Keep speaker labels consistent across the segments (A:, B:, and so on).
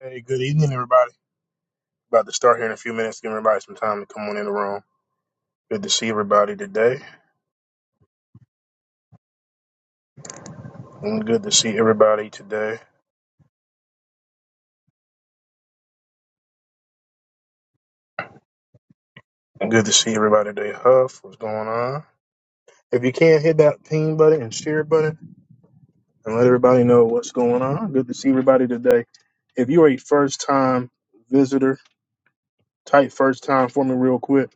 A: Hey, good evening, everybody. About to start here in a few minutes. Give everybody some time to come on in the room. Good to see everybody today. And good to see everybody today. And good to see everybody today. Huff, what's going on? If you can, hit that ping button and share button and let everybody know what's going on. Good to see everybody today. If you are a first time visitor, type first time for me real quick.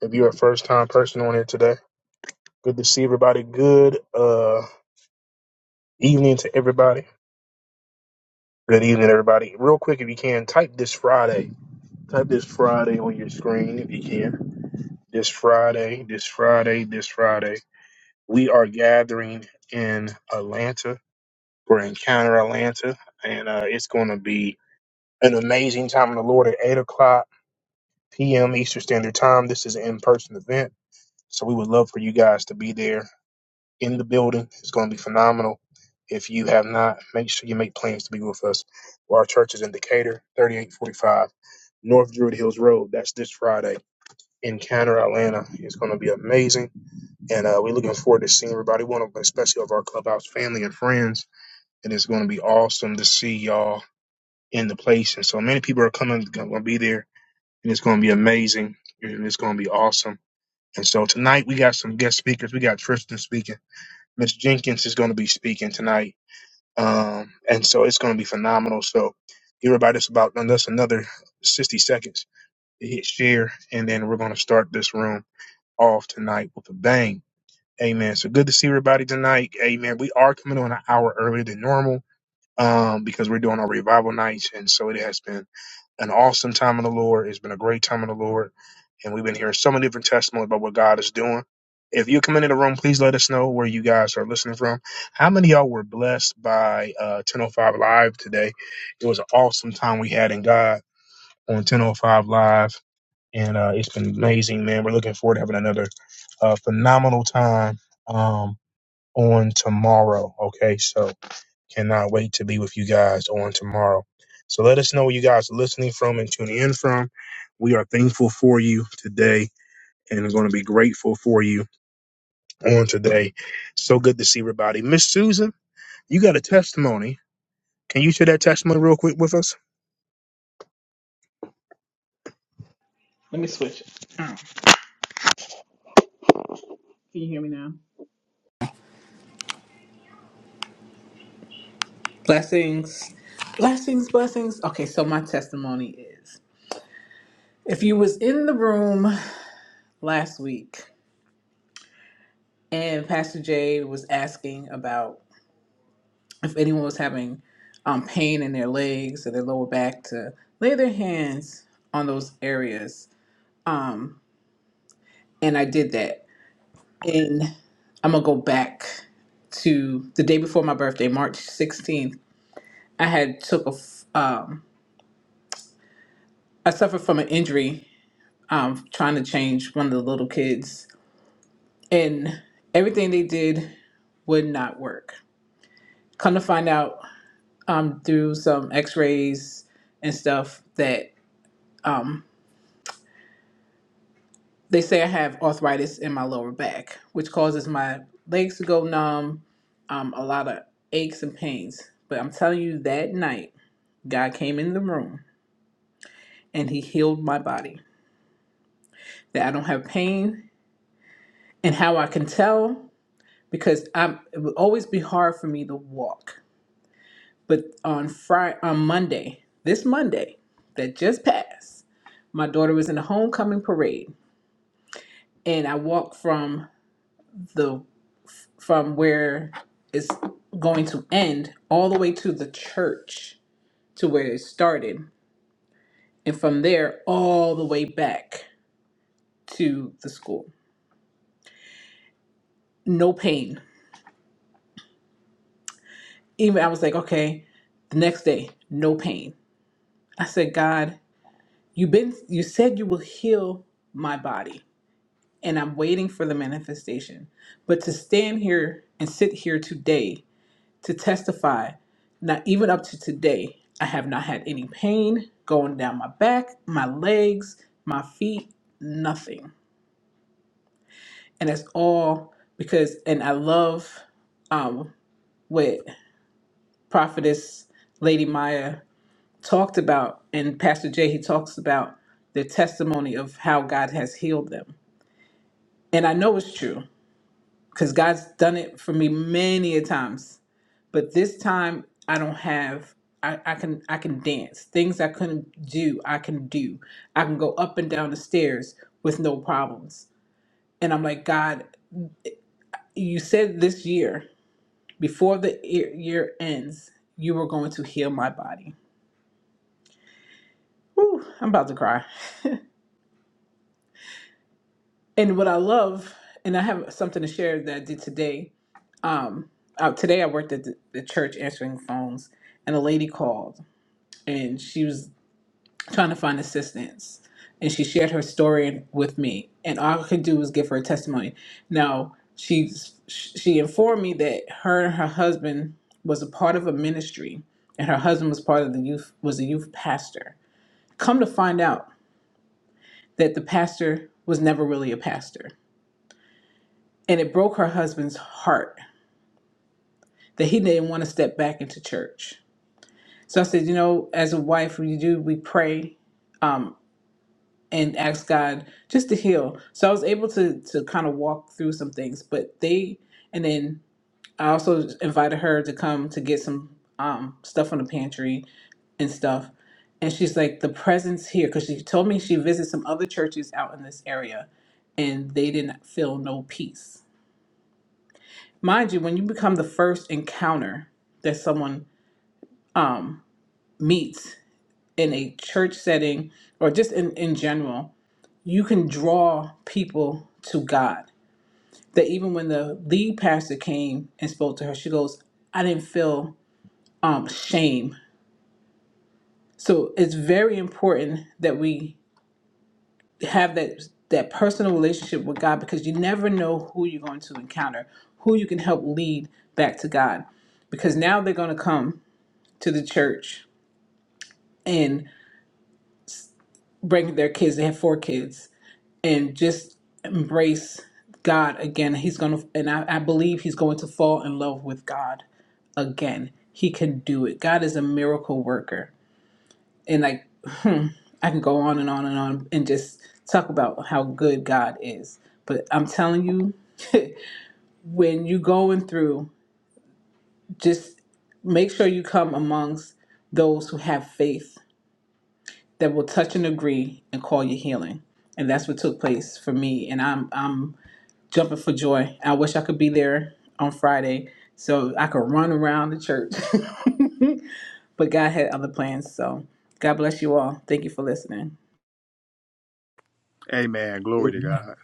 A: If you're a first time person on here today, good to see everybody. Good uh, evening to everybody. Good evening, everybody. Real quick, if you can, type this Friday. Type this Friday on your screen if you can. This Friday, this Friday, this Friday. We are gathering in Atlanta for Encounter Atlanta, and uh, it's going to be an amazing time in the Lord at 8 o'clock p.m. Eastern Standard Time. This is an in person event, so we would love for you guys to be there in the building. It's going to be phenomenal. If you have not, make sure you make plans to be with us. Our church is in Decatur, 3845 North Druid Hills Road. That's this Friday. encounter Atlanta. is going to be amazing, and uh, we're looking forward to seeing everybody. One of, especially of our clubhouse family and friends, and it's going to be awesome to see y'all in the place. And so many people are coming, going to be there, and it's going to be amazing. And it's going to be awesome. And so tonight we got some guest speakers. We got Tristan speaking. Miss Jenkins is going to be speaking tonight, um, and so it's going to be phenomenal. So give everybody just about just another sixty seconds to hit share, and then we're going to start this room. off tonight with a bang. Amen. So good to see everybody tonight. Amen. We are coming on an hour earlier than normal um, because we're doing our revival nights. And so it has been an awesome time in the Lord. It's been a great time in the Lord. And we've been hearing so many different testimonies about what God is doing. If you come into the room, please let us know where you guys are listening from. How many of y'all were blessed by uh, 1005 Live today? It was an awesome time we had in God on 1005 Live and uh, it's been amazing, man. We're looking forward to having another uh, phenomenal time um, on tomorrow. Okay, so cannot wait to be with you guys on tomorrow. So let us know where you guys are listening from and tuning in from. We are thankful for you today and are going to be grateful for you on today. So good to see everybody. Miss Susan, you got a testimony can you share that testimony real quick with us?
B: Can you hear me now? Blessings. Blessings, blessings. Okay, so my testimony is if you was in the room last week and Pastor Jay was asking about if anyone was having um, pain in their legs or their lower back to lay their hands on those areas. Um, and I did that. And I'm gonna go back to the day before my birthday, March 16th. I had took a f- um, I suffered from an injury um, trying to change one of the little kids, and everything they did would not work. Come to find out um, through some x rays and stuff that um, they say I have arthritis in my lower back, which causes my legs to go numb, um, a lot of aches and pains. But I'm telling you, that night, God came in the room and He healed my body, that I don't have pain. And how I can tell, because I'm, it would always be hard for me to walk But on Friday, on Monday, this Monday that just passed, my daughter was in the homecoming parade, and I walked from the from where it's going to end all the way to the church to where it started, and from there all the way back to the school. No pain. Even I was like, okay, the next day, no pain. I said, God, you've been you said you will heal my body and I'm waiting for the manifestation. But to stand here and sit here today to testify, not even up to today, I have not had any pain going down my back, my legs, my feet, nothing. And that's all because, and I love um, what Prophetess Lady Maya talked about, and Pastor Jay, he talks about the testimony of how God has healed them. And I know it's true because God's done it for me many a times. But this time, I don't have. I, I can I can dance. Things I couldn't do, I can do. I can go up and down the stairs with no problems. And I'm like, God, you said this year, before the year year ends, you were going to heal my body. Whew, I'm about to cry. And what I love, and I have something to share that I did today. Um, uh, today I worked at the, the church answering phones, and a lady called, and she was trying to find assistance. And she shared her story with me, and all I could do was give her a testimony. Now, she she informed me that her and her husband was a part of a ministry, and her husband was part of the youth was a youth pastor. Come to find out that the pastor was never really a pastor, and it broke her husband's heart that he didn't want to step back into church. So I said, you know, as a wife, we do we pray. um, and ask God just to heal. So I was able to to kind of walk through some things, but they and then I also invited her to come to get some um stuff from the pantry and stuff. And she's like, the presence here, because she told me she visited some other churches out in this area and they didn't feel no peace. Mind you, when you become the first encounter that someone um, meets in a church setting or just in, in general, you can draw people to God that even when the lead pastor came and spoke to her, she goes, I didn't feel um, shame. So it's very important that we have that that personal relationship with God because you never know who you're going to encounter, who you can help lead back to God. Because now they're going to come to the church and bring their kids. They have four kids and just embrace God again. He's going to, and I, I believe he's going to fall in love with God again. He can do it. God is a miracle worker. And like, hmm, I can go on and on and on and just talk about how good God is. But I'm telling you, when you're going through, just make sure you come amongst those who have faith that will touch and agree and call you healing. And that's what took place for me. And I'm, I'm jumping for joy. I wish I could be there on Friday so I could run around the church. but God had other plans. So God bless you all. Thank you for listening.
C: Amen. Glory to
A: Amen.
C: God.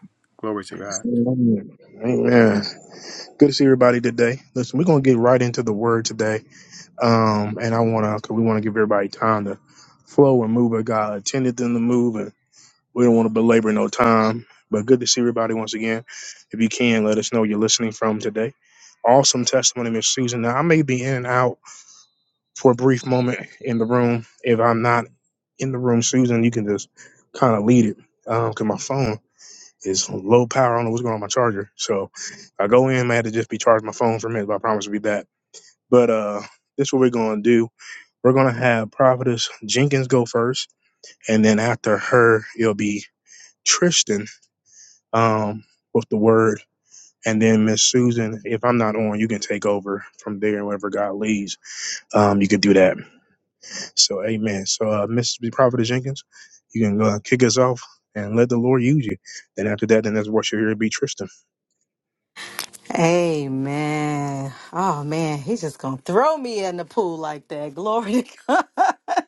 C: Glory to God.
A: Good to see everybody today. Listen, we're gonna get right into the word today, um, and I wanna, cause we wanna give everybody time to flow and move where God intended them to move, We don't want to belabor no time, but good to see everybody once again. If you can, let us know you're listening from today. Awesome testimony, Miss Susan. Now, I may be in and out for a brief moment in the room. If I'm not in the room, Susan, you can just kind of lead it because my phone is low power. I don't know what's going on with my charger. So if I go in, I had to just be charging my phone for a minute, but I promise to be back. But uh, this is what we're going to do we're gonna have Prophetess Jenkins go first, and then after her, it'll be Tristan um, with the word. And then Miss Susan, if I'm not on, you can take over from there. And Wherever God leads, um, you can do that. So, Amen. So, uh, Miss Prophet Jenkins, you can uh, kick us off and let the Lord use you. Then after that, then that's what you're here be, Tristan.
D: Amen. Oh man, he's just gonna throw me in the pool like that. Glory to God.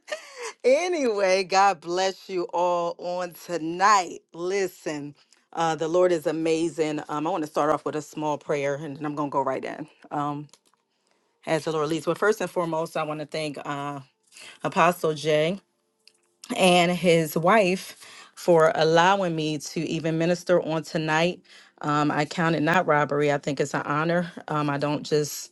D: anyway, God bless you all on tonight. Listen, uh, the Lord is amazing. Um, I want to start off with a small prayer, and then I'm gonna go right in um, as the Lord leads. But first and foremost, I want to thank uh, Apostle Jay and his wife for allowing me to even minister on tonight. Um, I count it not robbery. I think it's an honor. Um, I don't just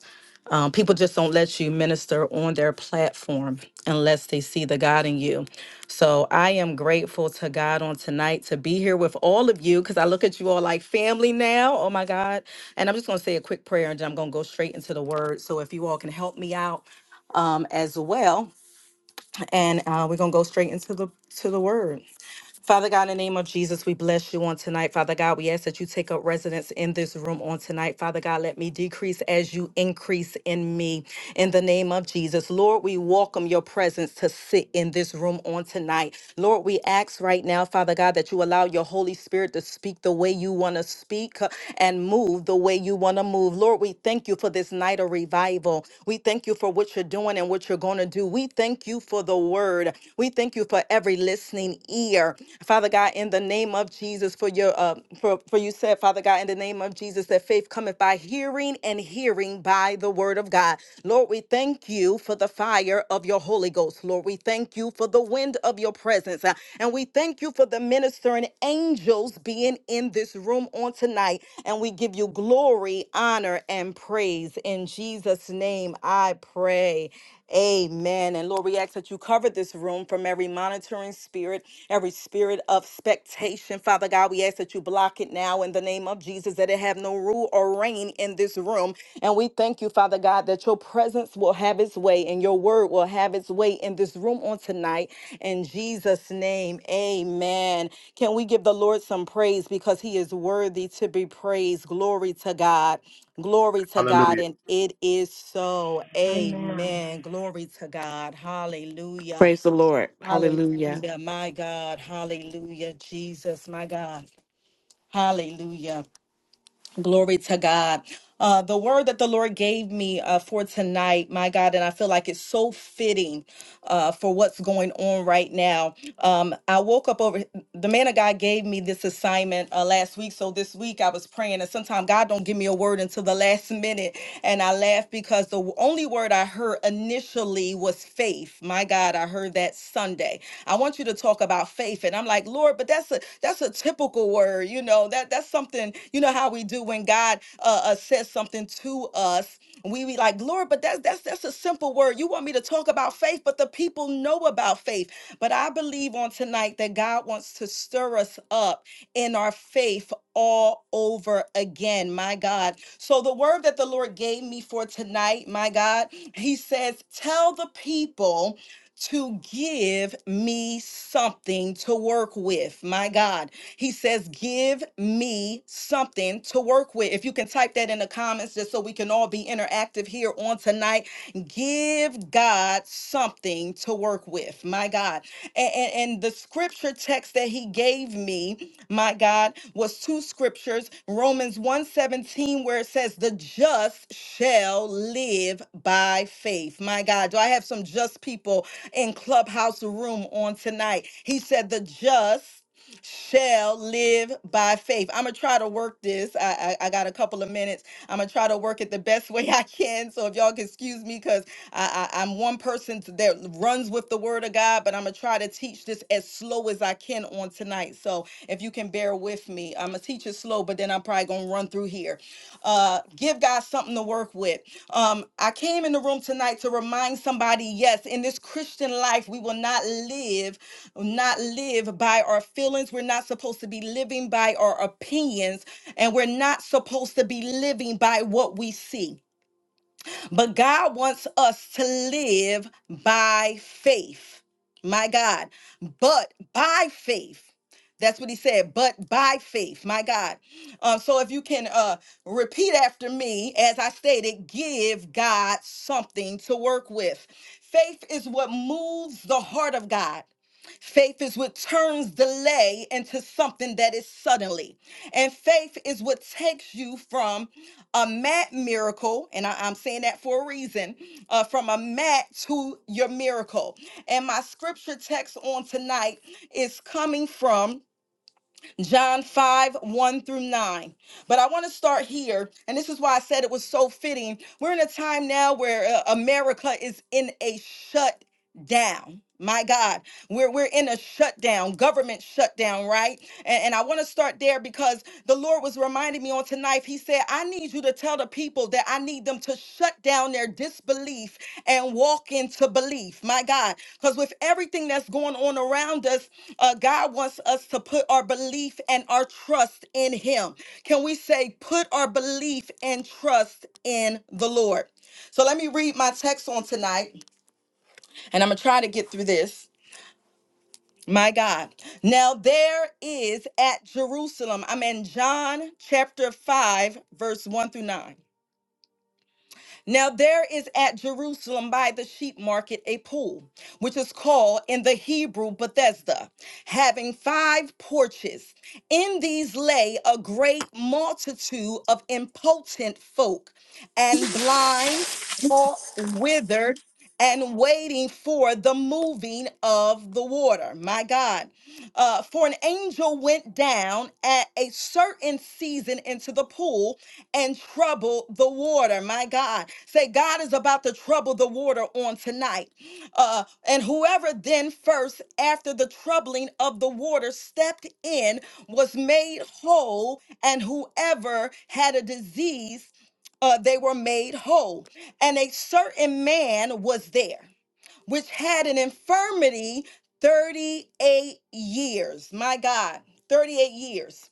D: um, people just don't let you minister on their platform unless they see the God in you. So I am grateful to God on tonight to be here with all of you because I look at you all like family now. Oh my God. And I'm just going to say a quick prayer and then I'm going to go straight into the word. So if you all can help me out um, as well, and uh, we're going to go straight into the to the word. Father God, in the name of Jesus, we bless you on tonight. Father God, we ask that you take up residence in this room on tonight. Father God, let me decrease as you increase in me. In the name of Jesus, Lord, we welcome your presence to sit in this room on tonight. Lord, we ask right now, Father God, that you allow your Holy Spirit to speak the way you want to speak uh, and move the way you want to move. Lord, we thank you for this night of revival. We thank you for what you're doing and what you're going to do. We thank you for the word. We thank you for every listening listening ear. Father God, in the name of Jesus, for your uh, for, for you said, Father God, in the name of Jesus, that faith cometh by hearing and hearing by the word of God. Lord, we thank you for the fire of your Holy Ghost. Lord, we thank you for the wind of your presence. Uh, And we thank you for the ministering angels being in this room on tonight. And we give you glory, honor, and praise. In Jesus' name, I pray. Amen. And Lord, we ask that you cover this room from every monitoring spirit, every spirit of spectation. Father God, we ask that you block it now in the name of Jesus, that it have no rule or reign in this room. And we thank you, Father God, that your presence will have its way and your word will have its way way in this room on tonight in Jesus name. Amen. Can we give the Lord some praise because he is worthy to be praised. Glory to God. Glory to God
C: Hallelujah.
D: and it is so.
E: Amen.
D: Amen. Glory to God. Hallelujah.
F: Praise the Lord. Hallelujah.
D: Hallelujah. My God. Hallelujah. Jesus, my God. Hallelujah. Glory to God. Uh, the word that the Lord gave me uh, for tonight, my God, and I feel like it's so fitting uh, for what's going on right now. Um, I woke up over the man of God gave me this assignment uh, last week, so this week I was praying, and sometimes God don't give me a word until the last minute, and I laughed because the only word I heard initially was faith. My God, I heard that Sunday, I want you to talk about faith. And I'm like, Lord, but that's a that's a typical word, you know. That that's something, you know, how we do when God uh, uh says something to us. We be like, Lord, but that's that's that's a simple word. You want me to talk about faith, but the people know about faith. But I believe on tonight that God wants to stir us up in our faith all over again, my God. So the word that the Lord gave me for tonight, my God, he says, tell the people to give me something to work with. My God. He says, Give me something to work with. If you can type that in the comments just so we can all be interactive here on tonight, give God something to work with. My God. And, and, and the scripture text that he gave me, my God, was two scriptures Romans one seventeen, where it says, The just shall live by faith. My God. Do I have some just people? in Clubhouse Room on tonight. He said, The just shall live by faith. I'm gonna try to work this. I, I I got a couple of minutes. I'm gonna try to work it the best way I can. So if y'all can excuse me, because I, I I'm one person that runs with the word of God, but I'm gonna try to teach this as slow as I can on tonight. So if you can bear with me, I'm gonna teach it slow, but then I'm probably gonna run through here. Uh, give God something to work with. Um, I came in the room tonight to remind somebody yes, in this Christian life, we will not live, not live by our feelings. We're not supposed to be living by our opinions, and we're not supposed to be living by what we see. But God wants us to live by faith. My God. But by faith. That's what he said, but by faith, my God. Um, so if you can uh, repeat after me, as I stated, give God something to work with. Faith is what moves the heart of God. Faith is what turns delay into something that is suddenly. And faith is what takes you from a mat miracle, and I, am saying that for a reason, uh, from a mat to your miracle. And my scripture text on tonight is coming from John 5 1 through 9. But I want to start here, and this is why I said it was so fitting. We're in a time now where uh, America is in a shut down. My God, we're, we're in a shutdown, government shutdown, right? And, and I want to start there because the Lord was reminding me on tonight. He said, I need you to tell the people that I need them to shut down their disbelief and walk into belief. My God, because with everything that's going on around us, uh, God wants us to put our belief and our trust in Him. Can we say, put our belief and trust in the Lord? So let me read my text on tonight and I'm gonna try to get through this. My God. Now there is at Jerusalem, I'm in John chapter 5, verse 1 through 9. Now there is at Jerusalem by the sheep market a pool, which is called in the Hebrew Bethesda, having five porches. In these lay a great multitude of impotent folk, and blind, halt, withered, and waiting for the moving of the water. My God. Uh, for an angel went down at a certain season into the pool and trouble the water. My God. Say, God is about to trouble the water on tonight. Uh, and whoever then first, after the troubling of the water, stepped in was made whole, and whoever had a disease, uh, they were made whole. And a certain man was there, which had an infirmity 38 years. My God, 38 years.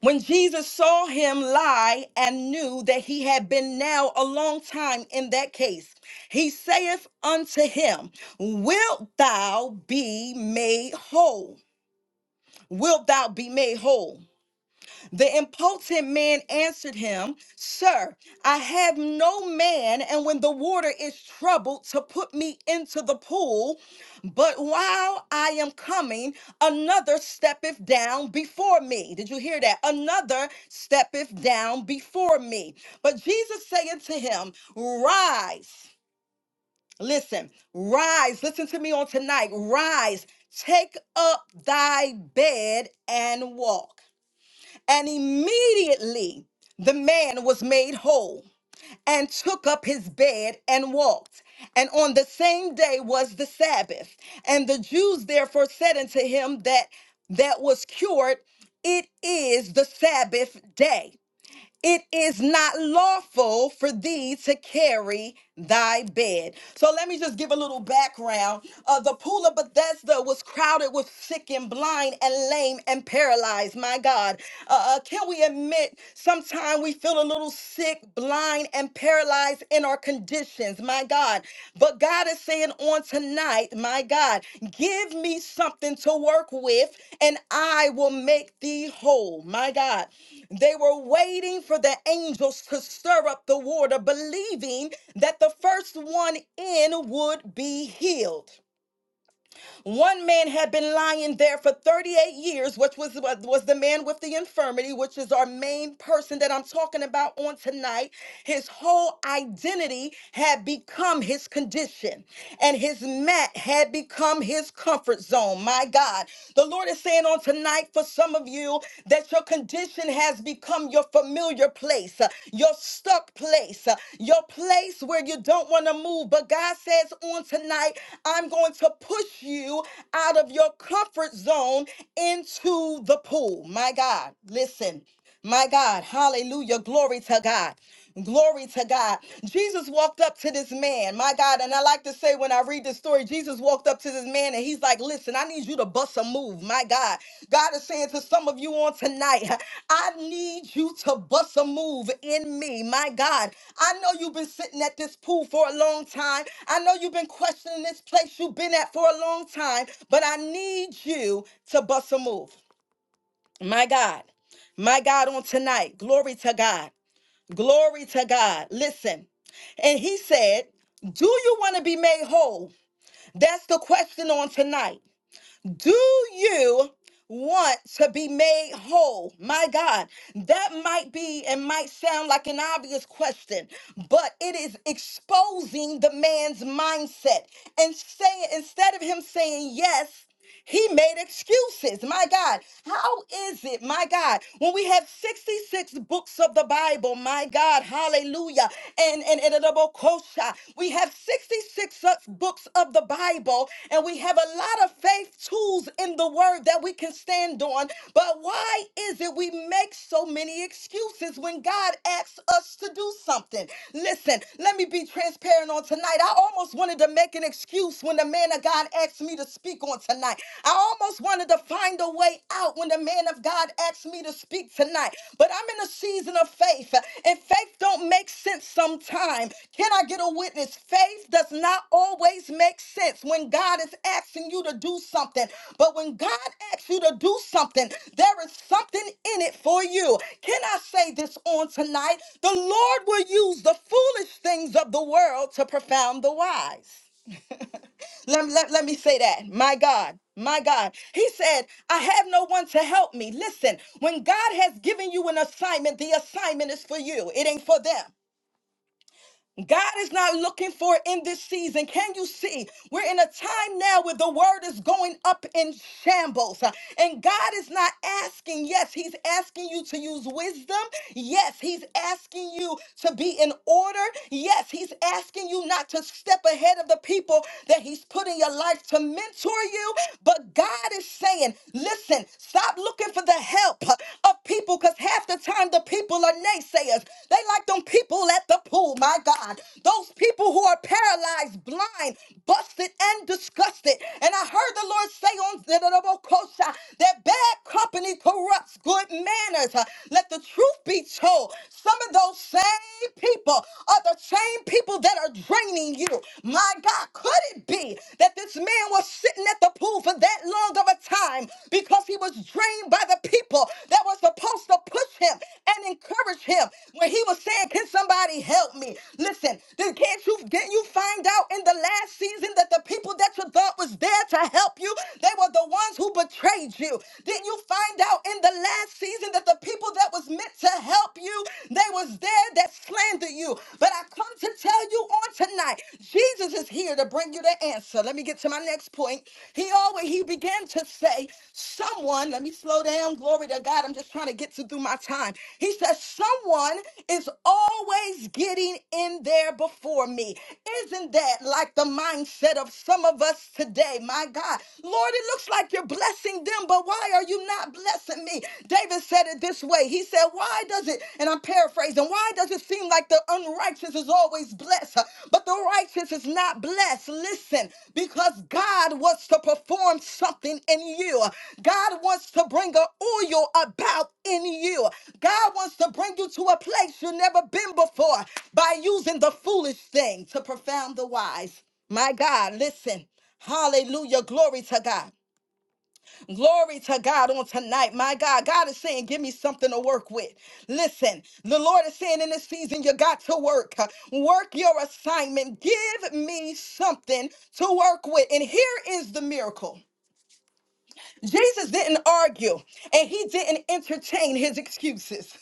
D: When Jesus saw him lie and knew that he had been now a long time in that case, he saith unto him, Wilt thou be made whole? Wilt thou be made whole? The impotent man answered him, Sir, I have no man, and when the water is troubled, to put me into the pool. But while I am coming, another steppeth down before me. Did you hear that? Another steppeth down before me. But Jesus saith to him, Rise. Listen, rise. Listen to me on tonight. Rise. Take up thy bed and walk. And immediately the man was made whole and took up his bed and walked. And on the same day was the Sabbath. And the Jews therefore said unto him that that was cured, it is the Sabbath day it is not lawful for thee to carry thy bed. So let me just give a little background. Uh, the pool of Bethesda was crowded with sick and blind and lame and paralyzed. My God, uh, uh, can we admit sometimes we feel a little sick, blind, and paralyzed in our condition? conditions, my God. But God is saying on tonight, my God, give me something to work with and I will make thee whole, my God. They were waiting for the angels to stir up the water, believing that the first one in would be healed. One man had been lying there for 38 years, which was was the man with the infirmity, which is our main person that I'm talking about on tonight. His whole identity had become his condition, and his mat had become his comfort zone. My God, the Lord is saying on tonight tonight for some of you that your condition has become your familiar place, uh, your stuck place, uh, your place where you don't want to move. But God says on tonight, I'm going to push you out of your comfort zone into the pool. My God, listen. My God, hallelujah. Glory to God. Glory to God. Jesus walked up to this man, my God. And I like to say when I read this story, Jesus walked up to this man and he's like, Listen, I need you to bust a move, my God. God is saying to some of you on tonight, I need you to bust a move in me, my God. I know you've been sitting at this pool for a long time. I know you've been questioning this place you've been at for a long time, but I need you to bust a move. My God, my God, on tonight, glory to God, glory to God. Listen, and he said, Do you want to be made whole? That's the question on tonight. Do you want to be made whole? My God, that might be and might sound like an obvious question, but it is exposing the man's mindset and saying instead of him saying yes. He made excuses. My God, how is it, my God, when we have 66 books of the Bible, my God, hallelujah, and and, and, we have 66 such books of the Bible, and we have a lot of faith tools in the word that we can stand on. But why is it we make so many excuses when God asks us to do something? Listen, let me be transparent on tonight. I almost wanted to make an excuse when the man of God asked me to speak on tonight. I almost wanted to find a way out when the man of God asked me to speak tonight, but I'm in a season of faith, and faith don't make sense sometimes. Can I get a witness? Faith does not always make sense when God is asking you to do something, but when God asks you to do something, there is something in it for you. Can I say this on tonight? The Lord will use the foolish things of the world to profound the wise. Let, let, let me say that. My God. My God. He said, I have no one to help me. Listen, when God has given you an assignment, the assignment is for you. It ain't for them. God is not looking for it in this season. Can you see? We're in a time now where the word is going up in shambles. uh, And God is not asking, yes, He's asking you to use wisdom. Yes, He's asking you to be in order. Yes, He's asking you not to step ahead of the people that He's put in your life to mentor you. But God is saying, listen, stop looking for the help uh, of people people because half the time the people are naysayers. They like them people at the pool, my God. Those people who are paralyzed, blind, busted, and disgusted. And I heard the Lord say on Zedarabokosha that bad company corrupts good manners. Uh, Let the truth be told. Some of those same people are the same people that are draining you. My God, could it be that this man was sitting at the pool for that long of a time because he was drained by the people that were supposed to push him and encourage him when he was saying, Can somebody help me? Listen, then can't you didn't you find out in the last season that the people that you thought was there to help you, they were the ones who betrayed you. Didn't you find out in the last season that the people that was meant to help you, they was there that slandered you. But I come to tell you you on tonight. Jesus is here to bring you the answer. Let me get to my next point. He always he began to say, someone, let me slow down. Glory to God. I'm just trying to get to through my time. He says, someone is always getting in there before me. Isn't that like the mindset of some of us today? My God. Lord, it looks like you're blessing them, but why are you not blessing me? David said it this way. He he said, Why does it, and I'm paraphrasing, why does it seem like the unrighteous is always blessed, but the righteous is not blessed? Listen, because God wants to perform something in you. God wants to bring an oil about in you. God wants to bring you to a place you've never been before by using the foolish thing to profound the wise. My God, listen. Hallelujah. Glory to God. Glory to God on tonight. My God, God is saying, give me something to work with. Listen, the Lord is saying in this season, you got to work. Work your assignment. Give me something to work with. And here is the miracle Jesus didn't argue and he didn't entertain his excuses.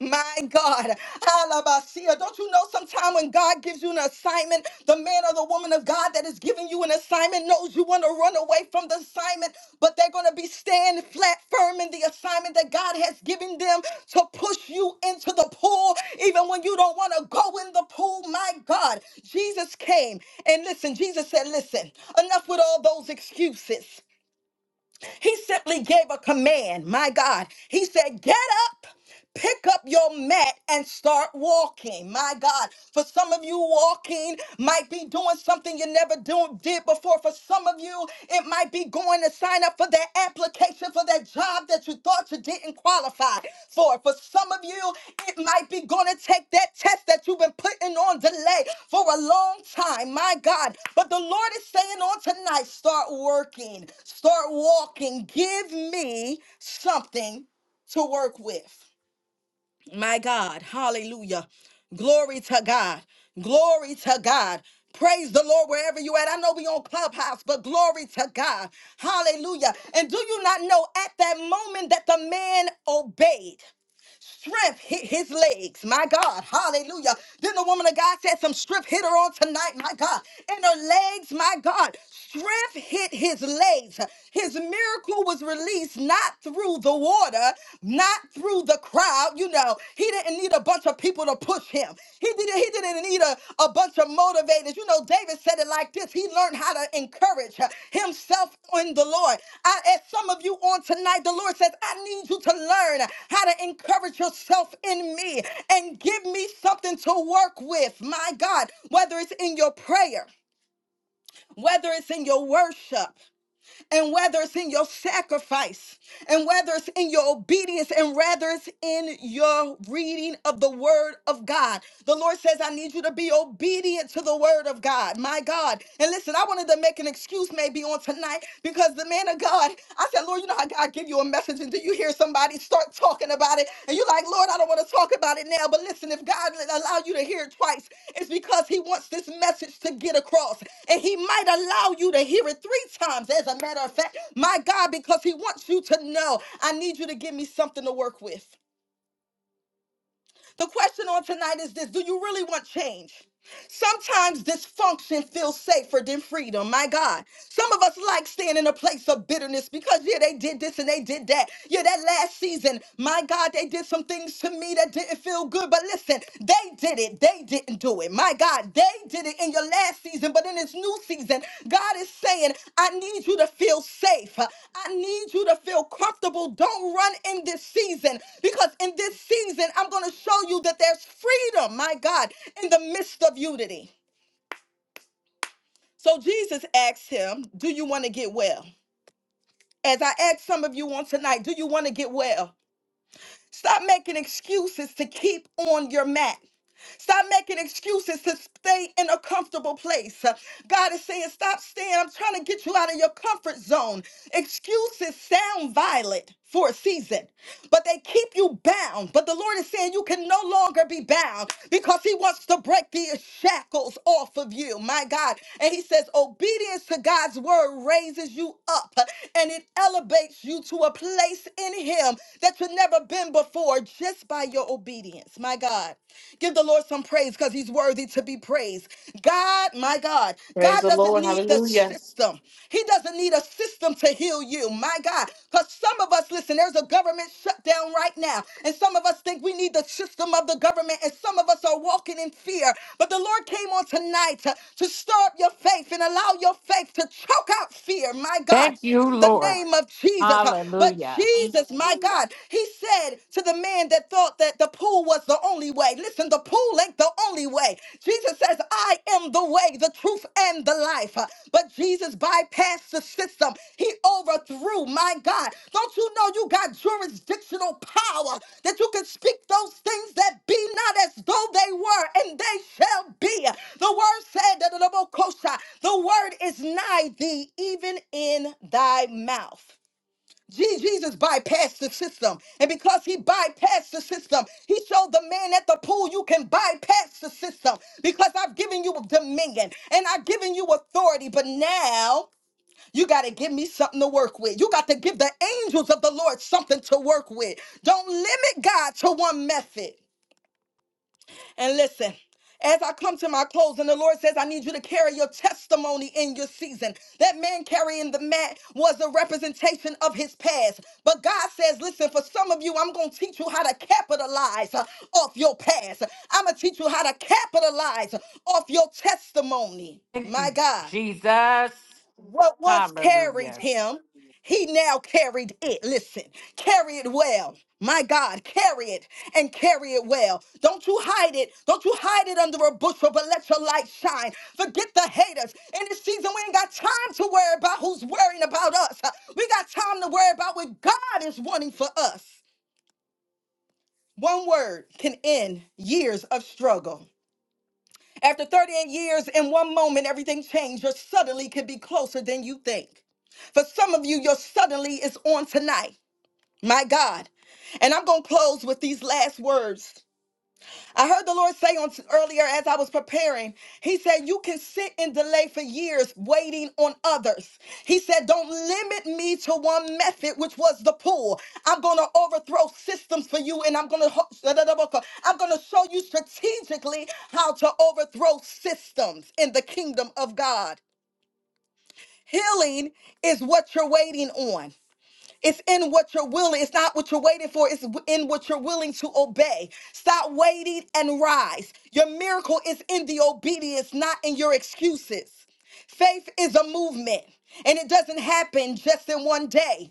D: My God. Alabasia. Don't you know sometime when God gives you an assignment, the man or the woman of God that is giving you an assignment knows you want to run away from the assignment, but they're going to be standing flat firm in the assignment that God has given them to push you into the pool, even when you don't want to go in the pool. My God. Jesus came and listen, Jesus said, Listen, enough with all those excuses. He simply gave a command. My God. He said, Get up. Pick up your mat and start walking. My God, for some of you, walking might be doing something you never do, did before. For some of you, it might be going to sign up for that application for that job that you you thought you didn't qualify for. For some of you, it might be going to take that test that you've been putting on delay for a long time, my God. But the Lord is saying on tonight, start working, start walking. Give me something to work with. My God. Hallelujah. Glory to God. Glory to God. Praise the Lord wherever you at. I know we on Clubhouse, but glory to God. Hallelujah. And do you not know at that moment that the man obeyed? Strength hit his legs, my God. Hallelujah. Then the woman of God said, Some strength hit her on tonight, my God. And her legs, my God. Strength hit his legs. His miracle was released not through the water, not through the crowd. You know, he didn't need a bunch of people to push him. He he didn't, he didn't need a, a bunch of motivators. You know, David said it like this. He learned how to encourage uh, himself in the Lord. I, as some of you on tonight, the Lord says, I need you to learn how to encourage yourself in me and give me something to work with. My God, whether it's in your prayer, whether it's in your worship and whether it's in your sacrifice, and whether it's in your obedience, and whether it's in your reading of the word of God. The Lord says, I need you to be obedient to the word of God, my God. And listen, I wanted to make an excuse maybe on tonight because the man of God, I said, Lord, you know how God give you a message, and do you hear somebody start talking about it? And you're like, Lord, I don't want to talk about it now. But listen, if God allow you to hear it twice, it's because he wants this message to get across. And he might allow you to hear it three times, as a matter of fact. My God, because he wants you to know, I need you to give me something to work with. The question on tonight is this Do you really want change? Sometimes dysfunction feels safer than freedom. My God. Some of us like staying in a place of bitterness because, yeah, they did this and they did that. Yeah, that last season, my God, they did some things to me that didn't feel good. But listen, they did it. They didn't do it. My God, they did it in your last season, but in this new season, God is saying, I need you to feel safe. I need you to feel comfortable. Don't run in this season because in this season, I'm going to show you that there's freedom, my God, in the midst of unity. So Jesus asked him, Do you want to get well? As I asked some of you on tonight, do you want to get well? Stop making excuses to keep on your mat. Stop making excuses to stay in a comfortable place. Uh, God is saying, Stop staying. I'm trying to get you out of your comfort zone. Excuses sound violent for a season but they keep you bound. But the Lord is saying you can no longer be bound because He wants to break these shackles off of you, my God. And He says, obedience to God's word raises you up and it elevates you to a place in Him that you've never been before just by your obedience, my God. Give the Lord some praise because He's worthy to be praised. God, my God,
F: Praise
D: God
F: the
D: doesn't
F: Lord.
D: need the
F: Hallelujah.
D: system. He doesn't need a system to heal you, my God. Because some of us, listen, there's a government shutdown right now. And some of us think we need the system of the government. And some of us are walking in fear. But the Lord came on tonight to, to stir up your faith and allow your faith to choke out fear, my God,
G: Thank you,
D: in the
G: Lord.
D: name of Jesus. Uh, But
G: Hallelujah.
D: Jesus, my God, he said to the man that thought that the pool was the only way, listen, the pool ain't the only way. Jesus says, I am the way, the truth, and the life. Uh, But Jesus bypassed the system. He overthrew, my God. Don't you know you got jurisdictional power that you can speak those things that be not as though they were, and they shall be. The word said that the the word is nigh thee, even in thy mouth. Je- Jesus bypassed the system. And because he bypassed the system, he showed the man at the pool, you can bypass the system because I've given you dominion and I've given you authority. But now you got to give me something to work with. You got to give the angels of the Lord something to work with. Don't limit God to one method. And listen, as I come to my close, and the Lord says, I need you to carry your testimony in your season. That man carrying the mat was a representation of his past. But God says, Listen, for some of you, I'm going to teach you how to capitalize uh, off your past. I'm going to teach you how to capitalize off your testimony.
G: Thank
D: My
G: you,
D: God
G: Jesus.
D: what once carried
G: Hallelujah.
D: him, he now carried it. Listen, carry it well. My God, carry it and carry it well. Don't you hide it. Don't you hide it under a bushel, but let your light shine. Forget the haters. In this season, we ain't got time to worry about who's worrying about us. We got time to worry about what God is wanting for us. One word can end years of struggle. After 38 years, in one moment, everything changed. Your suddenly could be closer than you think. For some of you, your suddenly is on tonight. My God. And I'm going to close with these last words. I heard the Lord say on earlier as I was preparing, He said, You can sit in delay for years waiting on others. He said, Don't limit me to one method, which was the pull. I'm gonna overthrow systems for you, and I'm gonna I'm gonna show you strategically how to overthrow systems in the kingdom of God. Healing is what you're waiting on. It's in what you're willing. It's not what you're waiting for. It's w- in what you're willing to obey. Stop waiting and rise. Your miracle is in the obedience, not in your excuses. Faith is a movement, and it doesn't happen just in one day.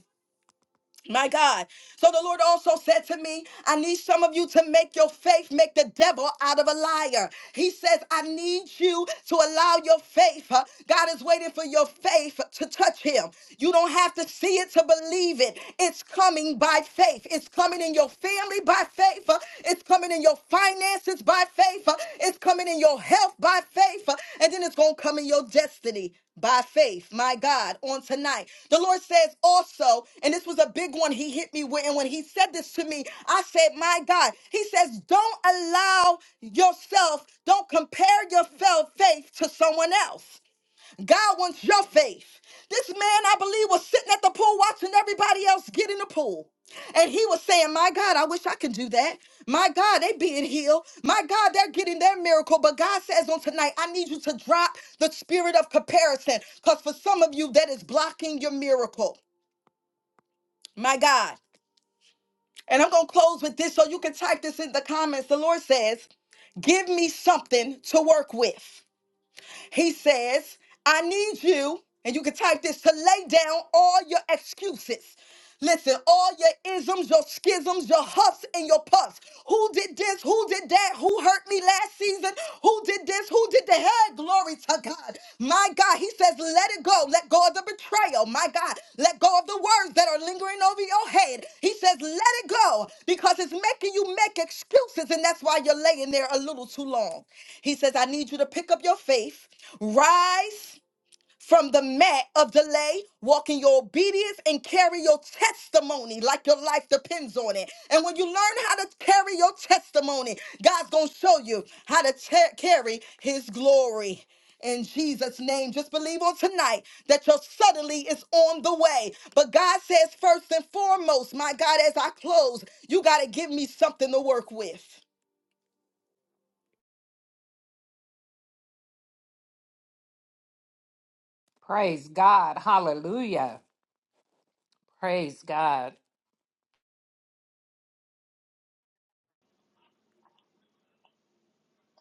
D: My God. So the Lord also said to me, I need some of you to make your faith make the devil out of a liar. He says, I need you to allow your faith. uh, God is waiting for your faith to touch him. You don't have to see it to believe it. It's coming by faith. It's coming in your family by faith. uh, It's coming in your finances finances by faith. Uh, It's coming in your health by faith. Uh, And then it's going to come in your destiny by faith. My God, on tonight. The Lord says also, and this was a big one he hit me with. And when he said this to me, I said, My God, he says, Don't allow yourself, don't compare your faith to someone else. God wants your faith. This man, I believe, was sitting at the pool watching everybody else get in the pool. And he was saying, My God, I wish I could do that. My God, they being healed. My God, they're getting their miracle. But God says on tonight, I need you to drop the spirit of comparison. Because for some of you, that is blocking your miracle. My God. And I'm going to close with this so you can type this in the comments. The Lord says, Give me something to work with. He says, I need you, and you can type this to lay down all your excuses. Listen, all your isms, your schisms, your huffs, and your puffs. Who did this? Who did that? Who hurt me last season? Who did this? Who did the hell? Glory to God. My God, he says, let it go. Let go of the betrayal. My God, let go of the words that are lingering over your head. He says, let it go because it's making you make excuses. And that's why you're laying there a little too long. He says, I need you to pick up your faith, rise from the mat of delay, walk in your obedience and carry your testimony like your life depends on it. And when you learn how to carry your testimony, God's going to show you how to te- carry his glory. In Jesus' name, just believe on tonight that your suddenly is on the way. But God says, first and foremost, my God, as I close, you got to give me something to work with.
G: Praise God. Hallelujah. Praise God.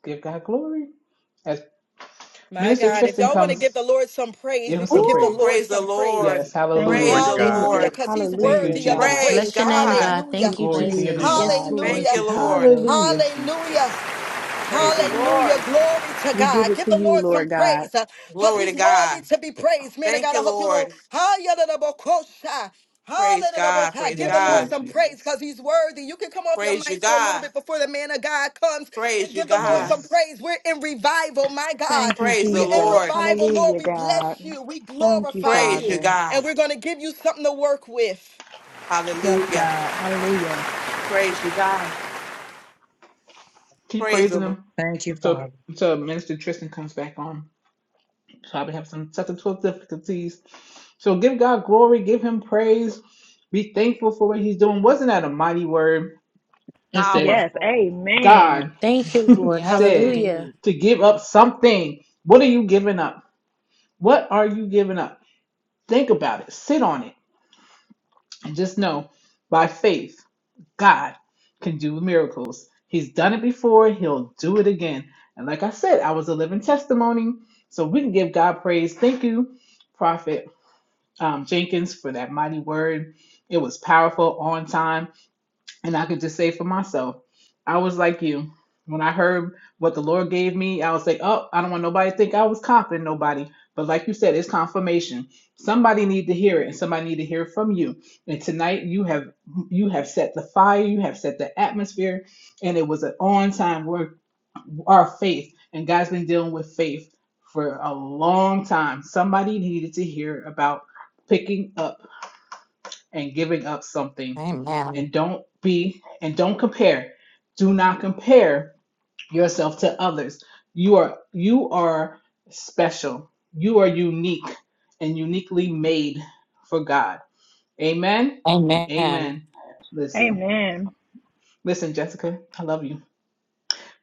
B: Give God glory. As
D: My
B: Minister
D: God, if
B: Tristan
D: y'all want to give
B: comes,
D: the Lord some
B: give
D: praise,
B: him
D: you can
B: some
D: give the
F: Ooh,
B: praise.
D: Lord
F: praise the
D: some praise.
F: Lord.
B: Yes,
E: Thank
C: Glory
F: Praise
E: you,
B: hallelujah.
C: to
F: the
C: God.
D: Hallelujah,
E: Jesus.
F: Lord.
D: because he's
B: Thank you,
E: Hallelujah,
D: worthy of the
E: God.
B: Jesus.
F: Praise
H: Bless
D: praise.
H: your name,
F: God.
H: God.
D: Hallelujah.
H: Thank
E: We
H: you,
B: Glory to
E: praise
B: your
E: you,
H: Jesus.
B: name.
H: Yes,
E: God. Thank
H: Lord.
F: Thank
D: Hallelujah.
F: you,
E: you,
F: Lord.
E: Father.
B: Hallelujah,
D: Hallelujah.
B: Jesus.
F: Praise
B: Thank you,
F: the
B: Lord.
F: Lord.
D: Hallelujah. Glory to
E: We give
D: God.
E: it
D: Give
E: to
D: the
E: you,
D: Lord some
E: Lord God.
D: praise
B: Yes,
D: because
B: God.
F: Glory to
D: he's
F: God.
D: worthy to be praised. Man, I
F: Thank
D: got to
F: you,
D: hope you don't.
F: Lord.
D: Hallelujah.
F: Praise God.
D: Hallelujah.
F: Praise
D: Give the
B: Yes,
D: Lord
B: Lord
F: God.
D: some praise
B: Jesus.
D: because he's worthy. You can come off your
F: Praise you,
D: mics for a little
F: God.
D: bit before the man of God comes and
F: Praise you,
D: give the Lord
F: God.
D: some
B: Yes.
D: praise. We're in revival, my
E: Thank
D: God.
E: you,
F: Praise the
D: We're in
E: Jesus.
F: Lord.
D: revival, Lord.
E: Hallelujah,
D: We
E: God.
D: bless you. We
E: Thank you,
D: glorify
F: Praise you,
D: you.
E: Father.
D: And
F: God.
D: we're going to give you something to work with.
E: Yes,
F: Hallelujah.
E: God. Hallelujah.
F: Praise you, God.
B: Keep
F: Praise the
B: praising
F: Lord.
B: him
I: Thank you,
B: until,
I: Father.
B: until Minister Tristan comes back on. probably have some technical difficulties. So give God glory, give him praise, be thankful for what he's doing. Wasn't that a mighty word? It said,
E: Yes.
I: Powerful.
B: God
E: Amen.
H: Thank you, Lord.
G: Yes,
B: said
H: Hallelujah.
G: indeed.
B: to give up something. What are you giving up? What are you giving up? Think about it, sit on it, and just know by faith, God can do miracles. He's done it before, he'll do it again. And like I said, I was a living testimony. So we can give God praise. Thank you, Prophet um, Jenkins for that mighty word. It was powerful, on time. And I could just say for myself, I was like you. When I heard what the Lord gave me, I was like, oh, I don't want nobody to think I was copying nobody. But like you said, it's confirmation. Somebody need to hear it, and somebody need to hear it from you. And tonight, you have you have set the fire, you have set the atmosphere, and it was an on time word our faith, and God's been dealing with faith for a long time. Somebody needed to hear about picking up and giving up something.
G: Amen.
B: And don't be and don't compare. Do not compare yourself to others. You are you are special. You are unique and uniquely made for God. Amen.
G: Amen.
B: Amen. Listen.
E: Amen.
B: Listen, Jessica, I love you.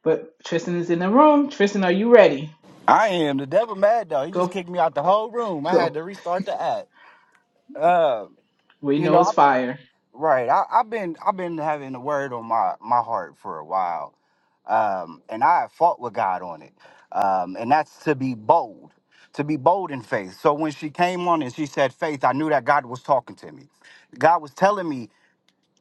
B: But Tristan is in the room. Tristan, are you ready?
J: I am. The devil mad though. He just
B: Go
J: kicked me out the whole room. I had
B: Go.
J: to restart the app. Uh,
B: We
J: you know,
B: know
J: I,
B: it's fire.
J: right. I, I've been I've been having the word on my my heart for a while. Um, and I have fought with God on it. Um, and that's to be bold, to be bold in faith. So when she came on and she said faith, I knew that God was talking to me. God was telling me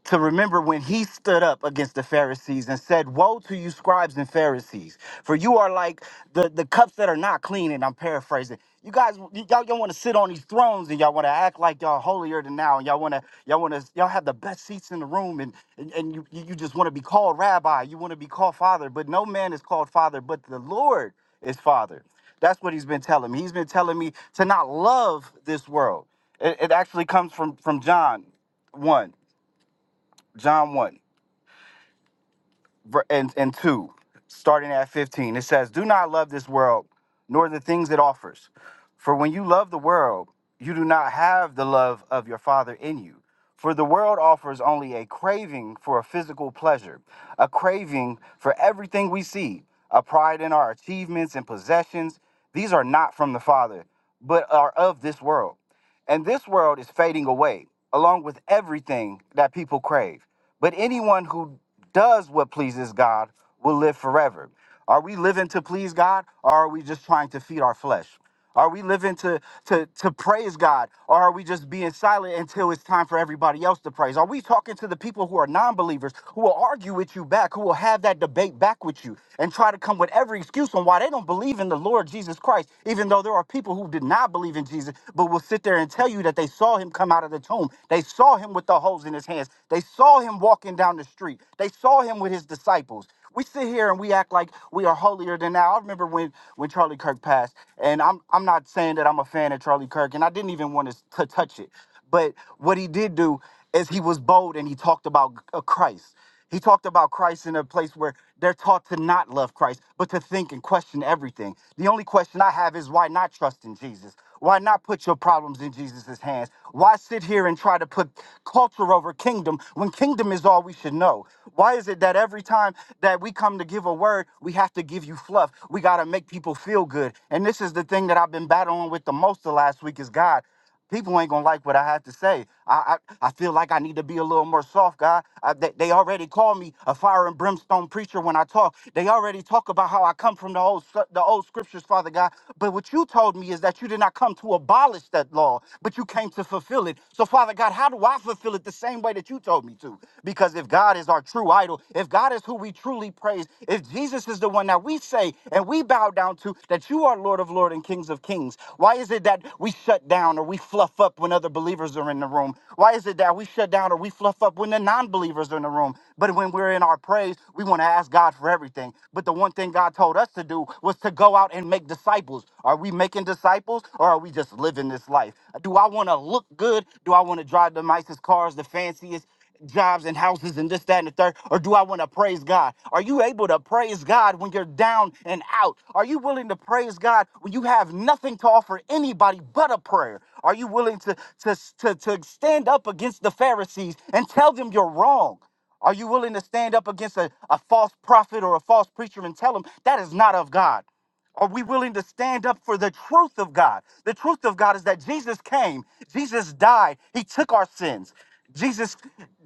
J: to remember when he stood up against the Pharisees and said, Woe to you, scribes and Pharisees, for you are like the, the cups that are not clean. And I'm paraphrasing. You guys, y- y'all, y'all want to sit on these thrones and y'all want to act like y'all holier than now. And y'all want to, y'all want to, y'all have the best seats in the room and, and, and you, you you just want to be called rabbi. You want to be called father, but no man is called father, but the Lord is father. That's what he's been telling me. He's been telling me to not love this world. It, it actually comes from, from John 1. John 1 ver- and, and 2, starting at 15. It says, Do not love this world, nor the things it offers. For when you love the world, you do not have the love of your Father in you. For the world offers only a craving for a physical pleasure, a craving for everything we see, a pride in our achievements and possessions. These are not from the Father, but are of this world. And this world is fading away, along with everything that people crave. But anyone who does what pleases God will live forever. Are we living to please God or are we just trying to feed our flesh? Are we living to, to, to praise God or are we just being silent until it's time for everybody else to praise? Are we talking to the people who are non believers who will argue with you back, who will have that debate back with you and try to come with every excuse on why they don't believe in the Lord Jesus Christ, even though there are people who did not believe in Jesus? Jesus, but will sit there and tell you that they saw him come out of the tomb. They saw him with the holes in his hands. They saw him walking down the street. They saw him with his disciples. We sit here and we act like we are holier than now. I remember when when Charlie Kirk passed, and I'm I'm not saying that I'm a fan of Charlie Kirk, and I didn't even want to, to touch it. But what he did do is he was bold and he talked about uh, Christ. He talked about Christ in a place where they're taught to not love Christ, but to think and question everything. The only question I have is why not trust in Jesus? Why not put your problems in Jesus' hands? Why sit here and try to put culture over kingdom when kingdom is all we should know? Why is it that every time that we come to give a word, we have to give you fluff? We got to make people feel good. And this is the thing that I've been battling with the most the last week is God. People ain't gonna like what I have to say. I I, I feel like I need to be a little more soft, God. I, they, they already call me a fire and brimstone preacher when I talk. They already talk about how I come from the old sc- the old scriptures, Father God. But what you told me is that you did not come to abolish that law, but you came to fulfill it. So, Father God, how do I fulfill it the same way that you told me to? Because if God is our true idol, if God is who we truly praise, if Jesus Jesus is the one that we say and we bow down to that you are Lord of Lord and Kings of Kings. Why is it that we shut down or we fluff up when other believers are in the room? Why is it that we shut down or we fluff up when the non-believers are in the room? But when we're in our praise, we want to ask God for everything. But the one thing God told us to do was to go out and make disciples. Are we making disciples or are we just living this life? Do I want to look good? Do I want to drive the nicest cars, the fanciest? jobs and houses and this, that, and the third? Or do I want to praise God? Are you able to praise God when you're down and out? Are you willing to praise God when you have nothing to offer anybody but a prayer? Are you willing to, to, to, to stand up against the Pharisees and tell them you're wrong? Are you willing to stand up against a, a false prophet or a false preacher and tell them that is not of God? Are we willing to stand up for the truth of God? The truth of God is that Jesus came, Jesus died, he took our sins. Jesus